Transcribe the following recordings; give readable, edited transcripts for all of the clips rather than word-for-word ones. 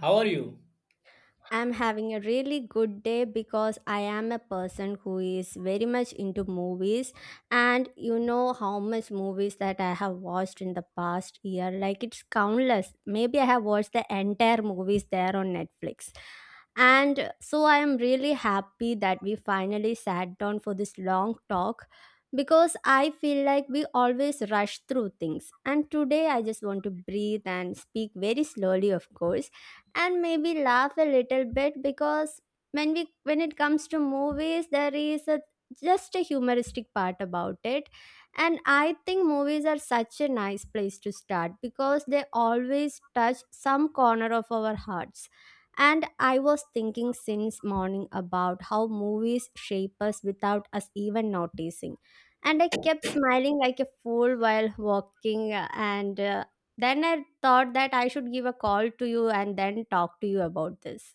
How are you? I'm having a really good day because I am a person who is very much into movies, and you know how much movies that I have watched in the past year. Like it's countless. Maybe I have watched the entire movies there on Netflix. And so I am really happy that we finally sat down for this long talk, because I feel like we always rush through things and today I just want to breathe and speak very slowly, of course, and maybe laugh a little bit, because when it comes to movies there is a just a humoristic part about it. And I think movies are such a nice place to start because they always touch some corner of our hearts. And I was thinking since morning about how movies shape us without us even noticing. And I kept smiling like a fool while walking and then I thought that I should give a call to you and then talk to you about this.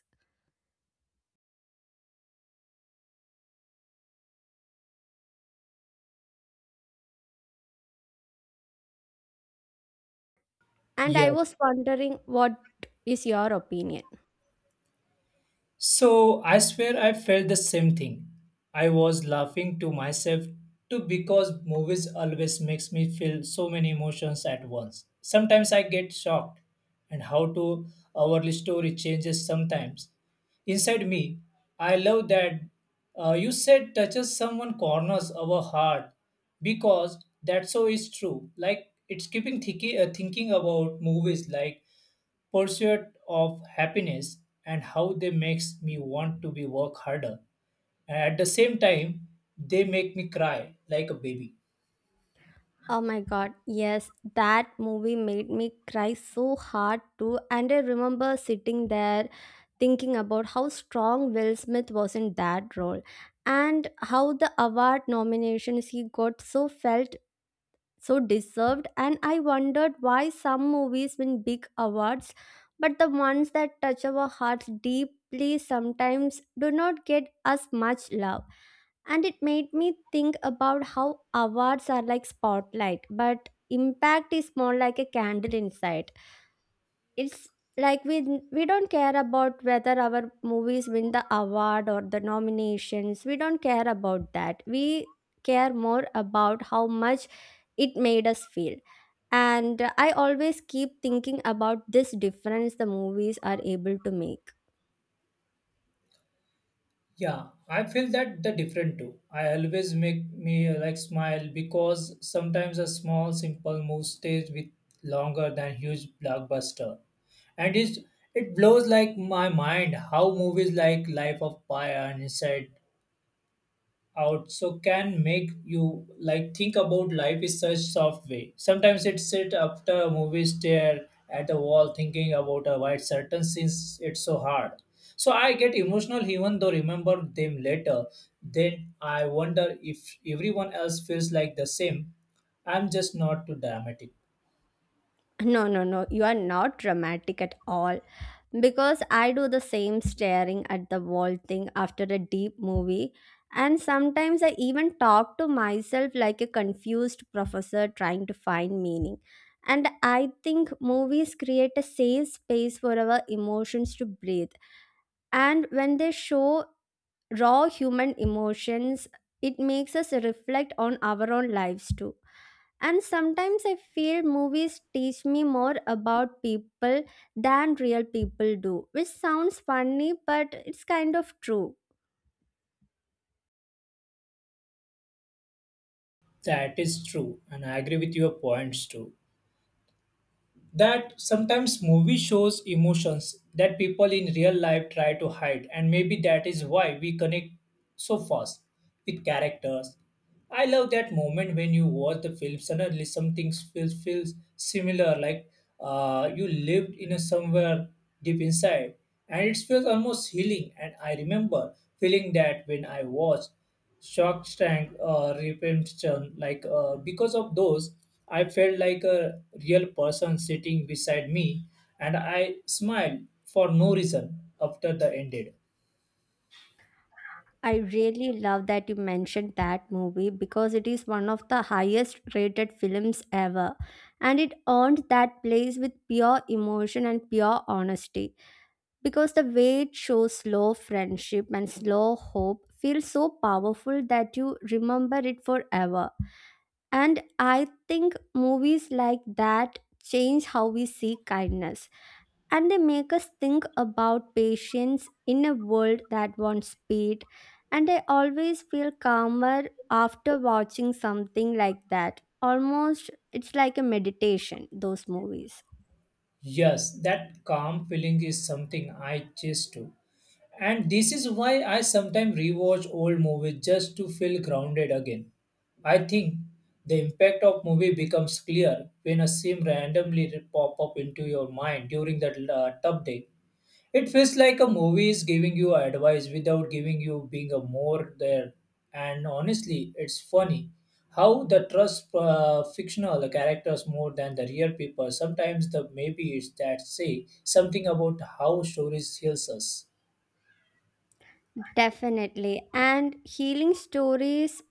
And I Yes. was wondering, what is your opinion? So I swear I felt the same thing. I was laughing to myself too because movies always makes me feel so many emotions at once. Sometimes I get shocked and how to our story changes sometimes. Inside me, I love that you said touches someone corners our heart because that so is true. Like it's keeping thinking about movies like pursuit of happiness and how they makes me want to be work harder, and at the same time they make me cry like a baby. Oh my god, yes, that movie made me cry so hard too. And I remember sitting there thinking about how strong Will Smith was in that role and how the award nominations he got so felt so deserved. And I wondered why some movies win big awards but the ones that touch our hearts deeply sometimes do not get as much love. And it made me think about how awards are like spotlight but impact is more like a candle inside. It's like we don't care about whether our movies win the award or the nominations. We don't care about that. We care more about how much it made us feel. And I always keep thinking about this difference the movies are able to make. Yeah, I feel that the different too. I always make me like smile because sometimes a small simple move stays with longer than huge blockbuster, and it blows like my mind how movies like Life of Pi and Inside out so can make you like think about life is such soft way. Sometimes it sit after a movie stare at the wall thinking about a white certain since it's so hard, so I get emotional even though remember them later. Then I wonder if everyone else feels like the same. I'm just not too dramatic. No, no, no, you are not dramatic at all. Because I do the same staring at the wall thing after a deep movie. And sometimes I even talk to myself like a confused professor trying to find meaning. And I think movies create a safe space for our emotions to breathe. And when they show raw human emotions, it makes us reflect on our own lives too. And sometimes I feel movies teach me more about people than real people do, which sounds funny but it's kind of true. That is true, and I agree with your points too, that sometimes movie shows emotions that people in real life try to hide, and maybe that is why we connect so fast with characters. I love that moment when you watch the film suddenly something feels similar, like you lived in a somewhere deep inside, and it feels almost healing. And I remember feeling that when I watched Shark Tank, Repent, like because of those, I felt like a real person sitting beside me, and I smiled for no reason after the ended. I really love that you mentioned that movie because it is one of the highest rated films ever, and it earned that place with pure emotion and pure honesty, because the way it shows slow friendship and slow hope feels so powerful that you remember it forever. And I think movies like that change how we see kindness, and they make us think about patience in a world that wants speed. And I always feel calmer after watching something like that. Almost, it's like a meditation, those movies. Yes, that calm feeling is something I chase too, and this is why I sometimes rewatch old movies just to feel grounded again. I think the impact of movie becomes clear when a scene randomly pop up into your mind during that tough day. It feels like a movie is giving you advice without giving you being a more there. And honestly, it's funny how the trust fictional characters more than the real people. Sometimes the maybe it's that say something about how stories heals us. Definitely. And healing stories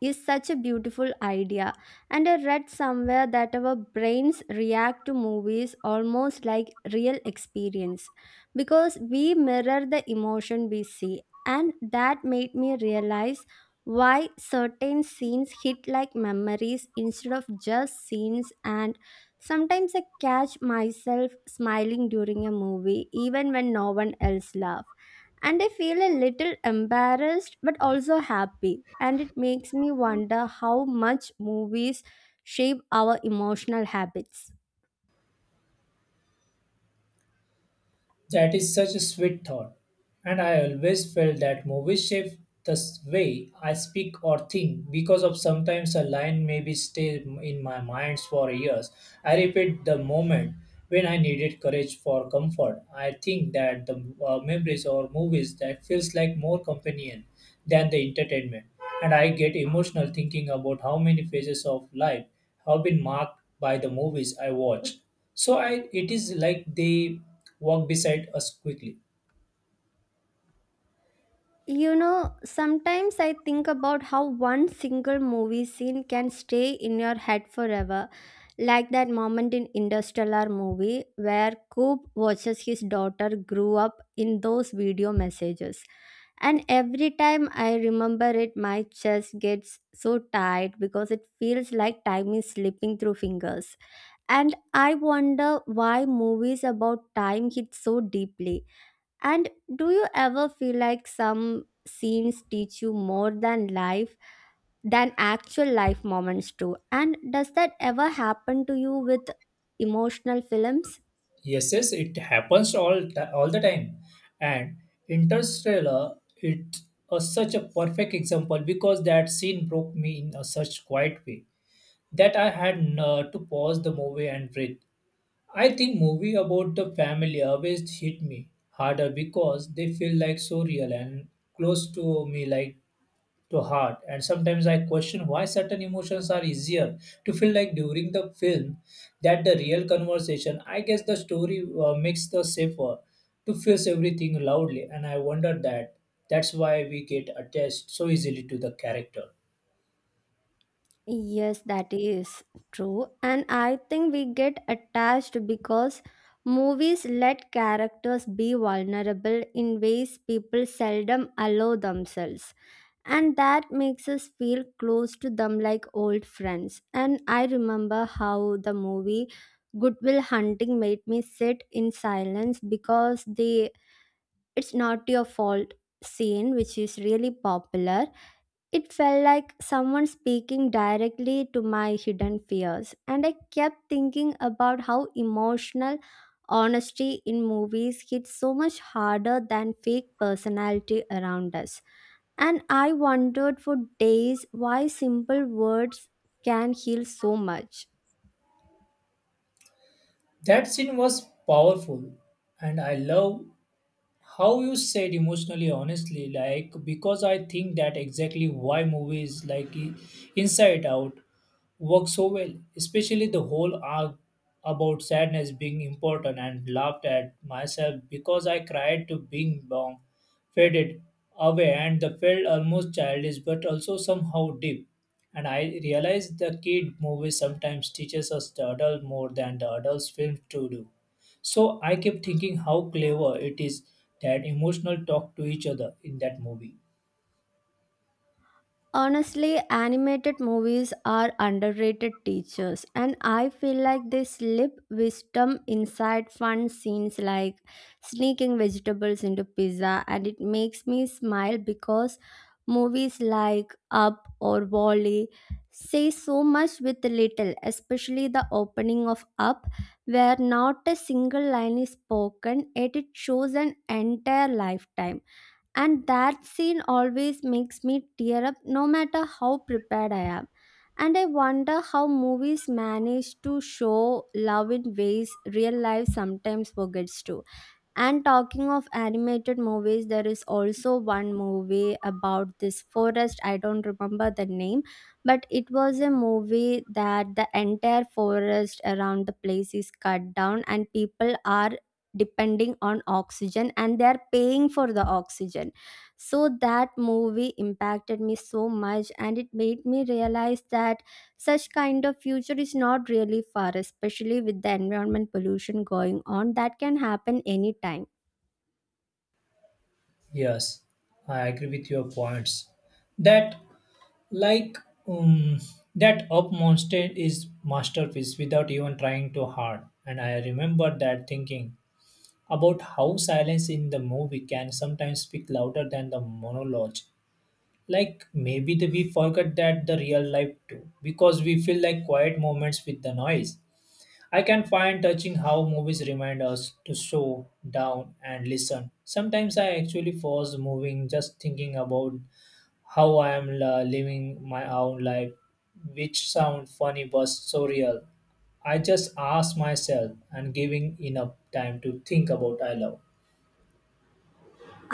is such a beautiful idea. And I read somewhere that our brains react to movies almost like real experience because we mirror the emotion we see. And that made me realize why certain scenes hit like memories instead of just scenes. And sometimes I catch myself smiling during a movie, even when no one else laughs, and I feel a little embarrassed but also happy. And it makes me wonder how much movies shape our emotional habits. That is such a sweet thought, and I always felt that movies shape the way I speak or think because of sometimes a line maybe stay in my mind for years. I repeat the moment when I needed courage for comfort. I think that the memories or movies that feels like more companion than the entertainment, and I get emotional thinking about how many phases of life have been marked by the movies I watch. So I it is like they walk beside us quickly. You know, sometimes I think about how one single movie scene can stay in your head forever, like that moment in Interstellar movie where Coop watches his daughter grow up in those video messages. And every time I remember it, my chest gets so tight because it feels like time is slipping through fingers. And I wonder why movies about time hit so deeply. And do you ever feel like some scenes teach you more than life, than actual life moments do? And does that ever happen to you with emotional films? Yes, yes, it happens all the time, and Interstellar it's a, such a perfect example because that scene broke me in a such quiet way that I had to pause the movie and breathe. I think movie about the family always hit me harder because they feel like so real and close to me, like to heart. And sometimes I question why certain emotions are easier to feel like during the film that the real conversation. I guess the story makes the safer to face everything loudly, and I wonder that that's why we get attached so easily to the character. Yes, that is true. And I think we get attached because movies let characters be vulnerable in ways people seldom allow themselves. And that makes us feel close to them like old friends. And I remember how the movie Goodwill Hunting made me sit in silence because the it's not your fault scene, which is really popular, it felt like someone speaking directly to my hidden fears, and I kept thinking about how emotional honesty in movies hits so much harder than fake personality around us. And I wondered for days why simple words can heal so much. That scene was powerful, and I love how you said emotionally honestly, like because I think that exactly why movies like inside out work so well, especially the whole arc about sadness being important, and laughed at myself because I cried to being bomb faded away, and the felt almost childish but also somehow deep. And I realized the kid movies sometimes teaches us the adult more than the adults films to do. So I kept thinking how clever it is that emotional talk to each other in that movie. Honestly, animated movies are underrated teachers, and I feel like they slip wisdom inside fun scenes like sneaking vegetables into pizza, and it makes me smile because movies like Up or Wally say so much with little, especially the opening of Up, where not a single line is spoken, yet it shows an entire lifetime, and that scene always makes me tear up no matter how prepared I am. And I wonder how movies manage to show love in ways real life sometimes forgets to. And talking of animated movies, there is also one movie about this forest. I don't remember the name, but it was a movie that the entire forest around the place is cut down, and people are depending on oxygen and they are paying for the oxygen. So that movie impacted me so much, and it made me realize that such kind of future is not really far, especially with the environment pollution going on. That can happen anytime. Yes, I agree with your points. That like um, that up mountain is masterpiece without even trying too hard. And I remember that thinking about how silence in the movie can sometimes speak louder than the monologue. Like maybe the, we forget that the real life too, because we feel like quiet moments with the noise. I can find touching how movies remind us to slow down and listen. Sometimes I actually pause moving just thinking about how I am living my own life, which sound funny but so real. I just ask myself and giving enough time to think about I love.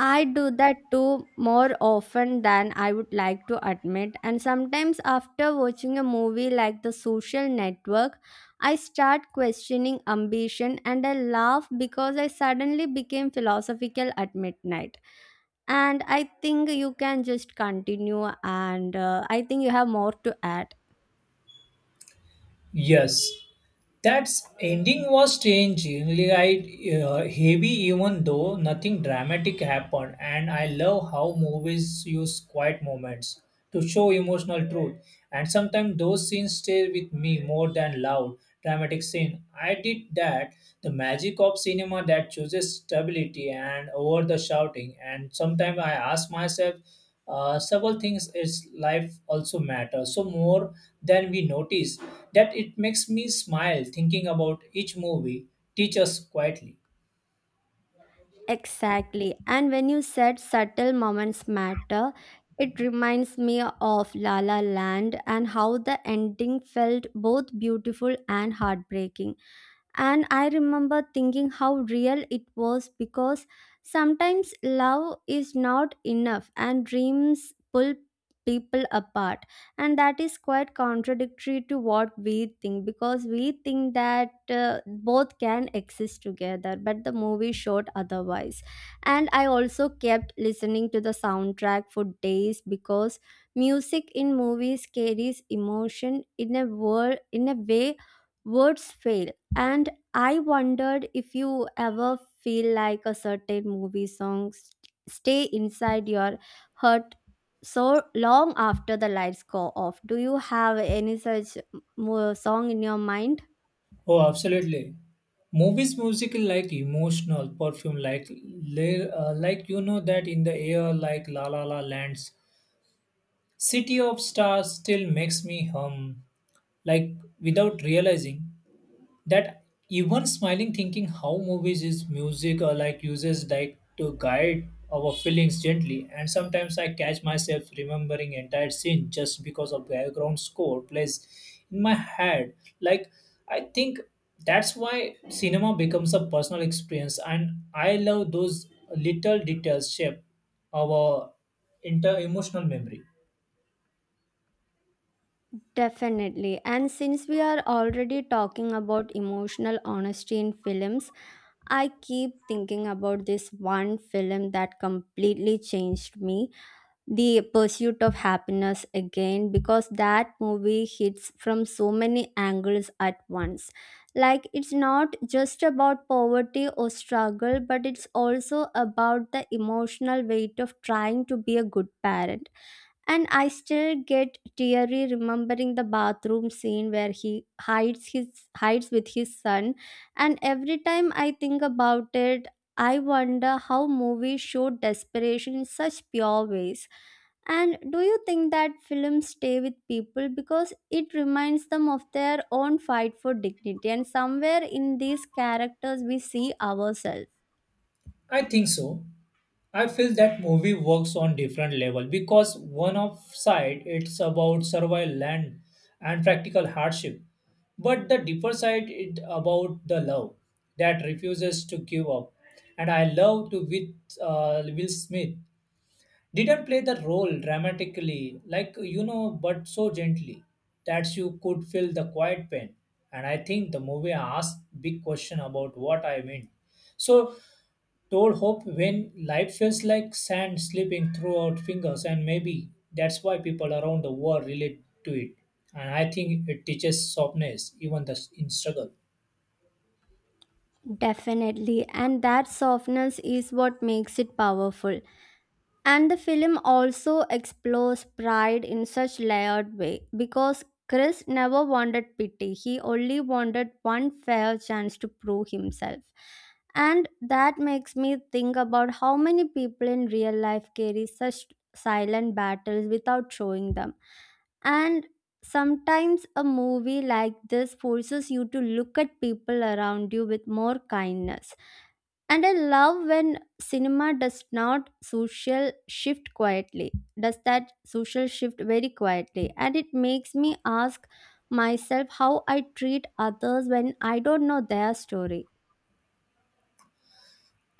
I do that too more often than I would like to admit. And sometimes, after watching a movie like The Social Network, I start questioning ambition and I laugh because I suddenly became philosophical at midnight. And I think you can just continue, and I think you have more to add. Yes, that ending was strange. Really, I heavy, even though nothing dramatic happened. And I love how movies use quiet moments to show emotional truth. And sometimes those scenes stay with me more than loud dramatic scene. I did that. The magic of cinema that chooses stability and over the shouting. And sometimes I ask myself several things is life also matter so more than we notice, that it makes me smile thinking about each movie teach us quietly. Exactly. And when you said subtle moments matter, it reminds me of La La Land and how the ending felt both beautiful and heartbreaking. And I remember thinking how real it was because sometimes love is not enough and dreams pull people apart, and that is quite contradictory to what we think, because we think that both can exist together but the movie showed otherwise. And I also kept listening to the soundtrack for days because music in movies carries emotion in a word in a way words fail. And I wondered if you ever feel like a certain movie songs stay inside your heart so long after the lights go off. Do you have any such song in your mind? Oh, absolutely. Movies music like emotional perfume, like like you know that in the air, like la la la lands city of stars still makes me hum like without realizing that, even smiling thinking how movies is music or like uses like to guide our feelings gently. And sometimes I catch myself remembering entire scene just because of background score plays in my head. Like I think that's why cinema becomes a personal experience, and I love those little details shape our inter emotional memory. Definitely. And since we are already talking about emotional honesty in films, I keep thinking about this one film that completely changed me. The Pursuit of Happiness again, because that movie hits from so many angles at once. Like it's not just about poverty or struggle, but it's also about the emotional weight of trying to be a good parent, and I still get teary remembering the bathroom scene where he hides with his son. And every time I think about it, I wonder how movies show desperation in such pure ways. And do you think that films stay with people because it reminds them of their own fight for dignity? And somewhere in these characters, we see ourselves. I think so. I feel that movie works on different level because one of side it's about survival and practical hardship, but the deeper side it about the love that refuses to give up. And I love to with Will Smith didn't play the role dramatically, like you know, but so gently that you could feel the quiet pain. And I think the movie asked big question about what I mean. So told Hope when life feels like sand slipping through our fingers, and maybe that's why people around the world relate to it. And I think it teaches softness, even the, in struggle. Definitely. And that softness is what makes it powerful. And the film also explores pride in such layered way because Chris never wanted pity. He only wanted one fair chance to prove himself. And that makes me think about how many people in real life carry such silent battles without showing them. And sometimes a movie like this forces you to look at people around you with more kindness. And I love when cinema does not social shift quietly does that social shift very quietly, and it makes me ask myself how I treat others when I don't know their story.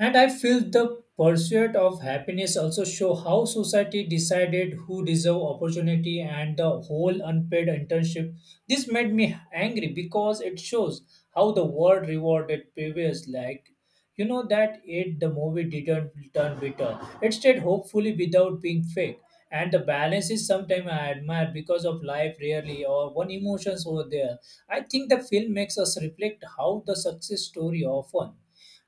And I feel the pursuit of happiness also show how society decided who deserve opportunity and the whole unpaid internship. This made me angry because it shows how the world rewarded previous, like you know that it the movie didn't turn bitter. It stayed hopefully without being fake. And the balance is sometimes I admire because of life rarely or one emotions over there. I think the film makes us reflect how the success story often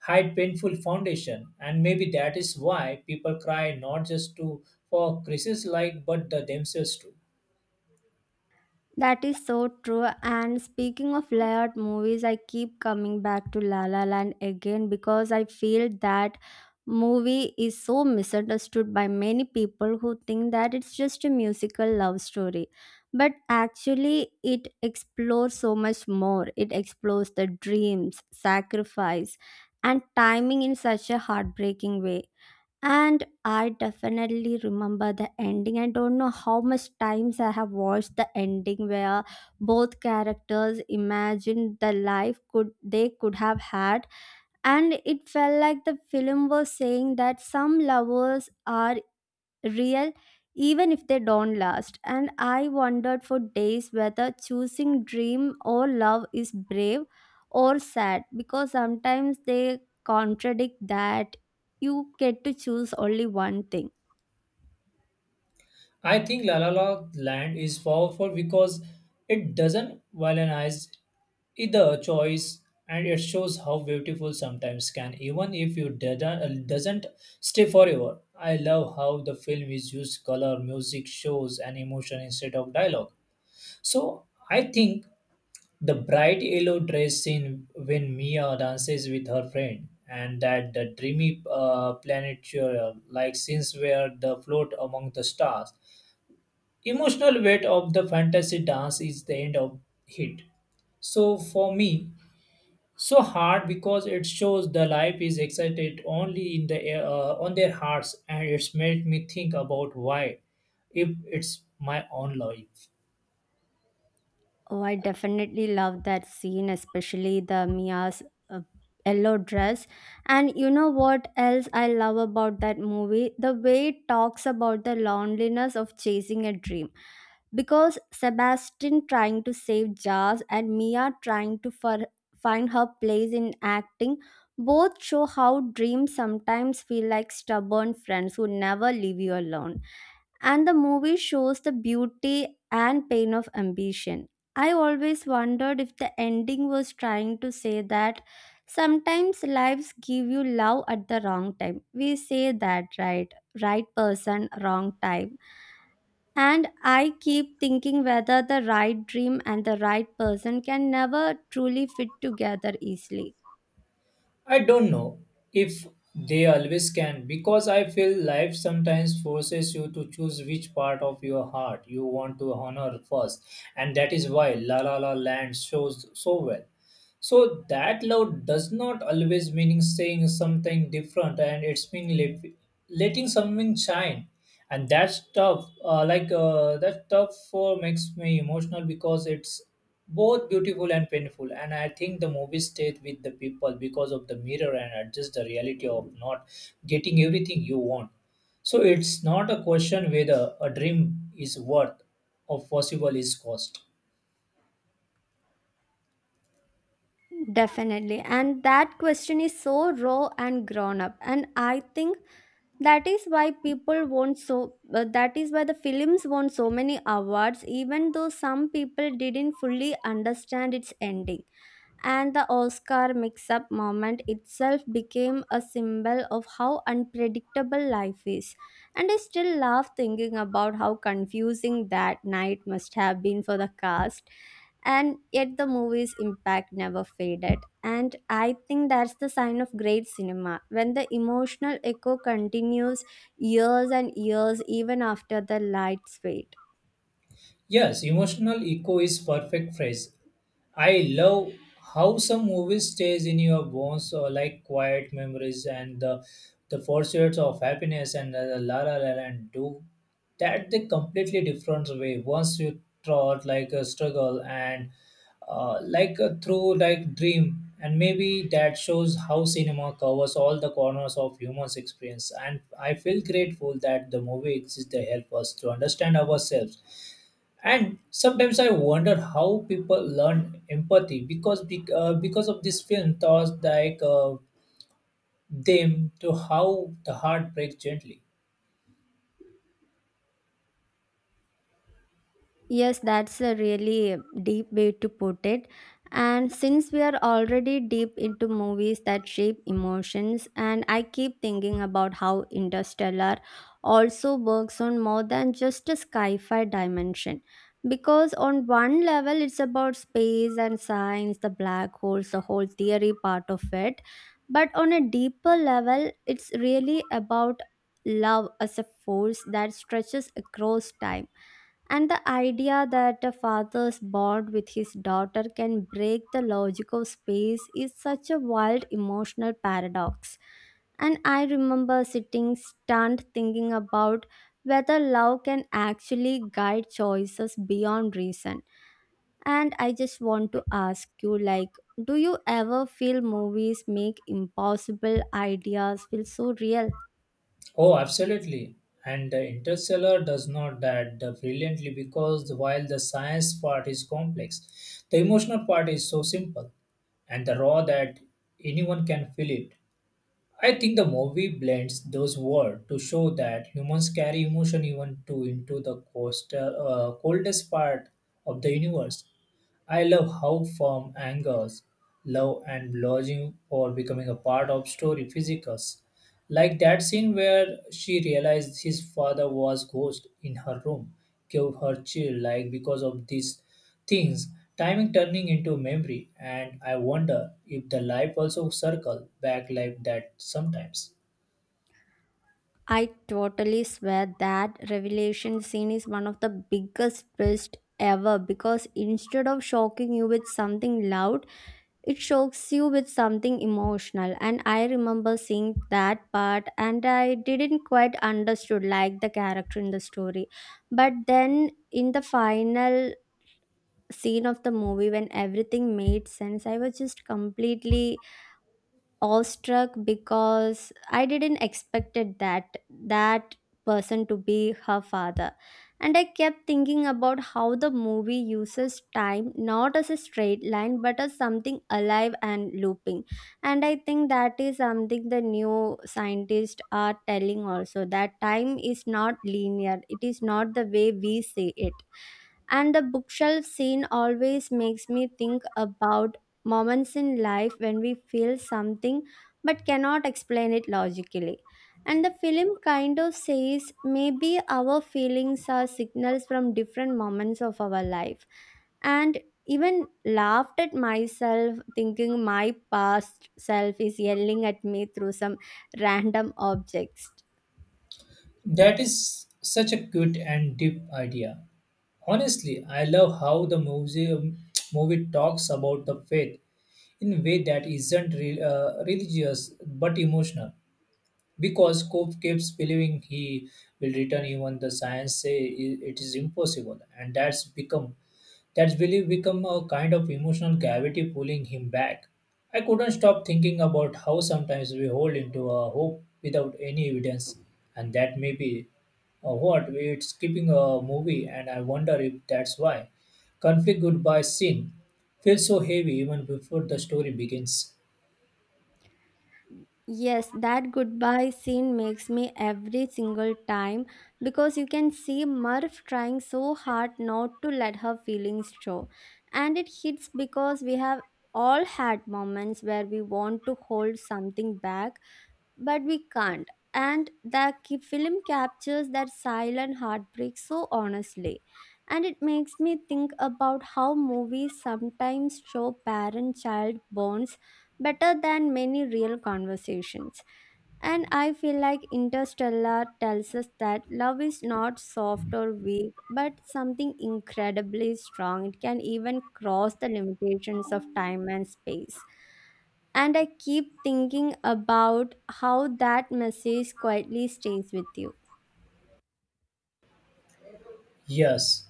hide painful foundation, and maybe that is why people cry not just to for crisis like but the themselves too. That is so true. And speaking of layered movies, I keep coming back to La La Land again because I feel that movie is so misunderstood by many people who think that it's just a musical love story. But actually, it explores so much more. It explores the dreams, sacrifice, and timing in such a heartbreaking way. And I definitely remember the ending. I don't know how much times I have watched the ending where both characters imagined the life could they could have had, and it felt like the film was saying that some lovers are real even if they don't last. And I wondered for days whether choosing dream or love is brave or sad, because sometimes they contradict that you get to choose only one thing. I think la la La land is powerful because it doesn't villainize either choice, and it shows how beautiful sometimes can even if you doesn't stay forever. I love how the film is used color music shows and emotion instead of dialogue. So I think the bright yellow dress scene when Mia dances with her friend, and that the dreamy planetarium like scenes where the float among the stars. Emotional weight of the fantasy dance is the end of hit. So for me, so hard because it shows the life is excited only in the on their hearts, and it's made me think about why, if it's my own life. Oh, I definitely love that scene, especially the Mia's uh, yellow dress. And you know what else I love about that movie? The way it talks about the loneliness of chasing a dream. Because Sebastian trying to save Jazz and Mia trying to find her place in acting both show how dreams sometimes feel like stubborn friends who never leave you alone, and the movie shows the beauty and pain of ambition. I always wondered if the ending was trying to say that sometimes lives give you love at the wrong time. We say that, right? Right person, wrong time. And I keep thinking whether the right dream and the right person can never truly fit together easily. I don't know if they always can, because I feel life sometimes forces you to choose which part of your heart you want to honor first, and that is why La La La Land shows so well. So that love does not always mean saying something different, and it's mean letting something shine. And that's tough. That tough for makes me emotional because it's both beautiful and painful. And I think the movie stayed with the people because of the mirror and adjust the reality of not getting everything you want. So it's not a question whether a dream is worth or possible is cost. Definitely. And that question is so raw and grown up. And I think that is why the films won so many awards even though some people didn't fully understand its ending, and the Oscar mix up moment itself became a symbol of how unpredictable life is. And I still laugh thinking about how confusing that night must have been for the cast. And yet the movie's impact never faded. And I think that's the sign of great cinema, when the emotional echo continues years and years even after the lights fade. Yes, emotional echo is perfect phrase. I love how some movies stays in your bones or like quiet memories, and the pursuits of happiness and the la la la la and do that the completely different way once you thought like a struggle and like a through like dream, and maybe that shows how cinema covers all the corners of human's experience. And I feel grateful that the movie exists to help us to understand ourselves. And sometimes I wonder how people learn empathy because because of this film taught like them to how the heart breaks gently. Yes, that's a really deep way to put it. And since we are already deep into movies that shape emotions, and I keep thinking about how Interstellar also works on more than just a sci fi dimension. Because on one level, it's about space and science, the black holes, the whole theory part of it. But on a deeper level, it's really about love as a force that stretches across time, and the idea that a father's bond with his daughter can break the logic of space is such a wild emotional paradox. And I remember sitting stunned thinking about whether love can actually guide choices beyond reason. And I just want to ask you, like, do you ever feel movies make impossible ideas feel so real? Oh, absolutely. And the interstellar does not that the brilliantly because while the science part is complex the emotional part is so simple and the raw that anyone can feel it. I think the movie blends those words to show that humans carry emotion even to into the coldest part of the universe. I love how firm angers, love, and lodging all becoming a part of story physicals. Like that scene where she realized his father was ghost in her room, gave her chill like because of these things, timing turning into memory. And I wonder if the life also circle back like that sometimes. I totally swear that revelation scene is one of the biggest twists ever, because instead of shocking you with something loud, it shocks you with something emotional. And I remember seeing that part and I didn't quite understood like the character in the story. But then in the final scene of the movie when everything made sense, I was just completely awestruck because I didn't expected that person to be her father. And I kept thinking about how the movie uses time not as a straight line but as something alive and looping. And I think that is something the new scientists are telling also, that time is not linear, it is not the way we see it. And the bookshelf scene always makes me think about moments in life when we feel something but cannot explain it logically. And the film kind of says maybe our feelings are signals from different moments of our life. And even laughed at myself, thinking my past self is yelling at me through some random objects. That is such a good and deep idea. Honestly, I love how the museum movie talks about the faith in a way that isn't religious but emotional, because Cope keeps believing he will return even the science say it is impossible. And that's become that belief become a kind of emotional gravity pulling him back. I couldn't stop thinking about how sometimes we hold into a hope without any evidence, and that may be what it's keeping a movie. And I wonder if that's why conflict goodbye scene feels so heavy even before the story begins. Yes, that goodbye scene makes me every single time, because you can see Murph trying so hard not to let her feelings show. And it hits because we have all had moments where we want to hold something back but we can't. And the film captures that silent heartbreak so honestly. And it makes me think about how movies sometimes show parent child bonds better than many real conversations. And I feel like Interstellar tells us that love is not soft or weak, but something incredibly strong. It can even cross the limitations of time and space. And I keep thinking about how that message quietly stays with you. Yes,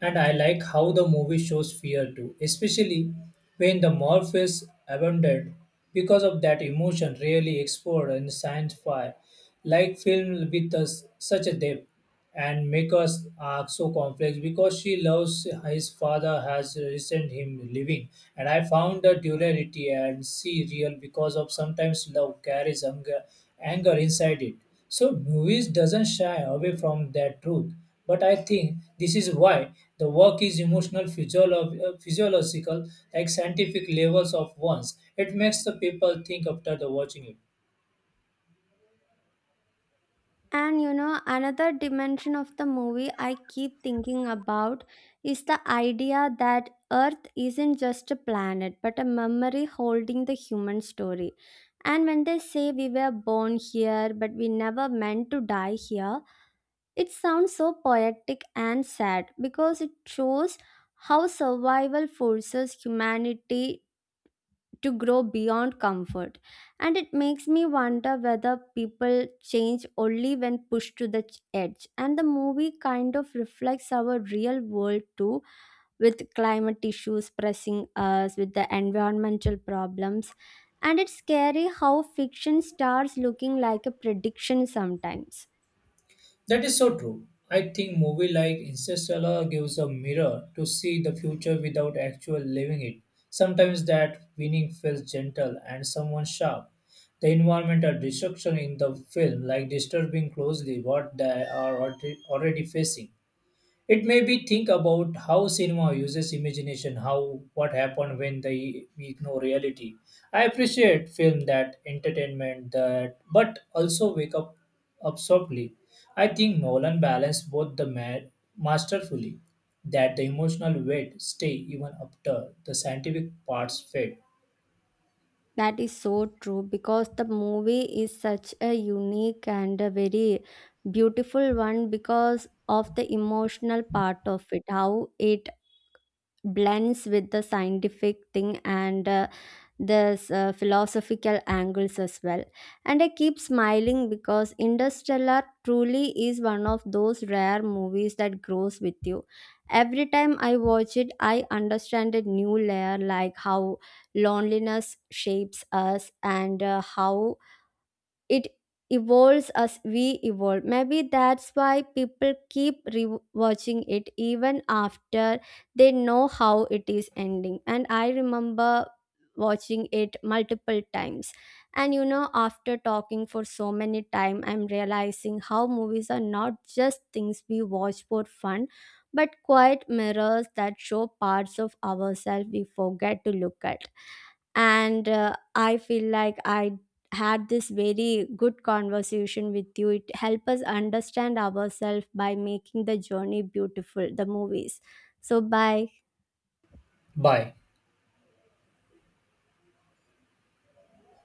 and I like how the movie shows fear too, especially when the morph is abandoned. Because of that emotion really explored in sci fi, like film with us such a depth and make us arc so complex because she loves his father has resent him living. And I found the duality and see real because of sometimes love carries anger inside it, so movies doesn't shy away from that truth. But I think this is why the work is emotional, physiological, like scientific levels of ones. It makes the people think after the watching it. And you know, another dimension of the movie I keep thinking about is the idea that Earth isn't just a planet but a memory holding the human story. And when they say we were born here but we never meant to die here, it sounds so poetic and sad, because it shows how survival forces humanity to grow beyond comfort. And it makes me wonder whether people change only when pushed to the edge. And the movie kind of reflects our real world too, with climate issues pressing us, with the environmental problems. And it's scary how fiction starts looking like a prediction sometimes. That is so true. I think movie like Interstellar gives a mirror to see the future without actual living it. Sometimes that winning feels gentle and someone sharp. The environmental destruction in the film, like disturbing closely what they are already facing. It made me think about how cinema uses imagination, how what happened when they we ignore reality. I appreciate film that entertainment that, but also wake up softly. I think Nolan balanced both the mad masterfully, that the emotional weight stay even after the scientific parts fade That is so true, because the movie is such a unique and a very beautiful one because of the emotional part of it, how it blends with the scientific thing, and there's philosophical angles as well. And I keep smiling because Interstellar truly is one of those rare movies that grows with you. Every time I watch it, I understand a new layer, like how loneliness shapes us, and how it evolves as we evolve. Maybe that's why people keep rewatching it even after they know how it is ending. And I remember watching it multiple times. And you know, after talking for so many time, I'm realizing how movies are not just things we watch for fun, but quiet mirrors that show parts of ourselves we forget to look at. And I feel like I had this very good conversation with you. It helped us understand ourselves by making the journey beautiful, the movies. So bye. by.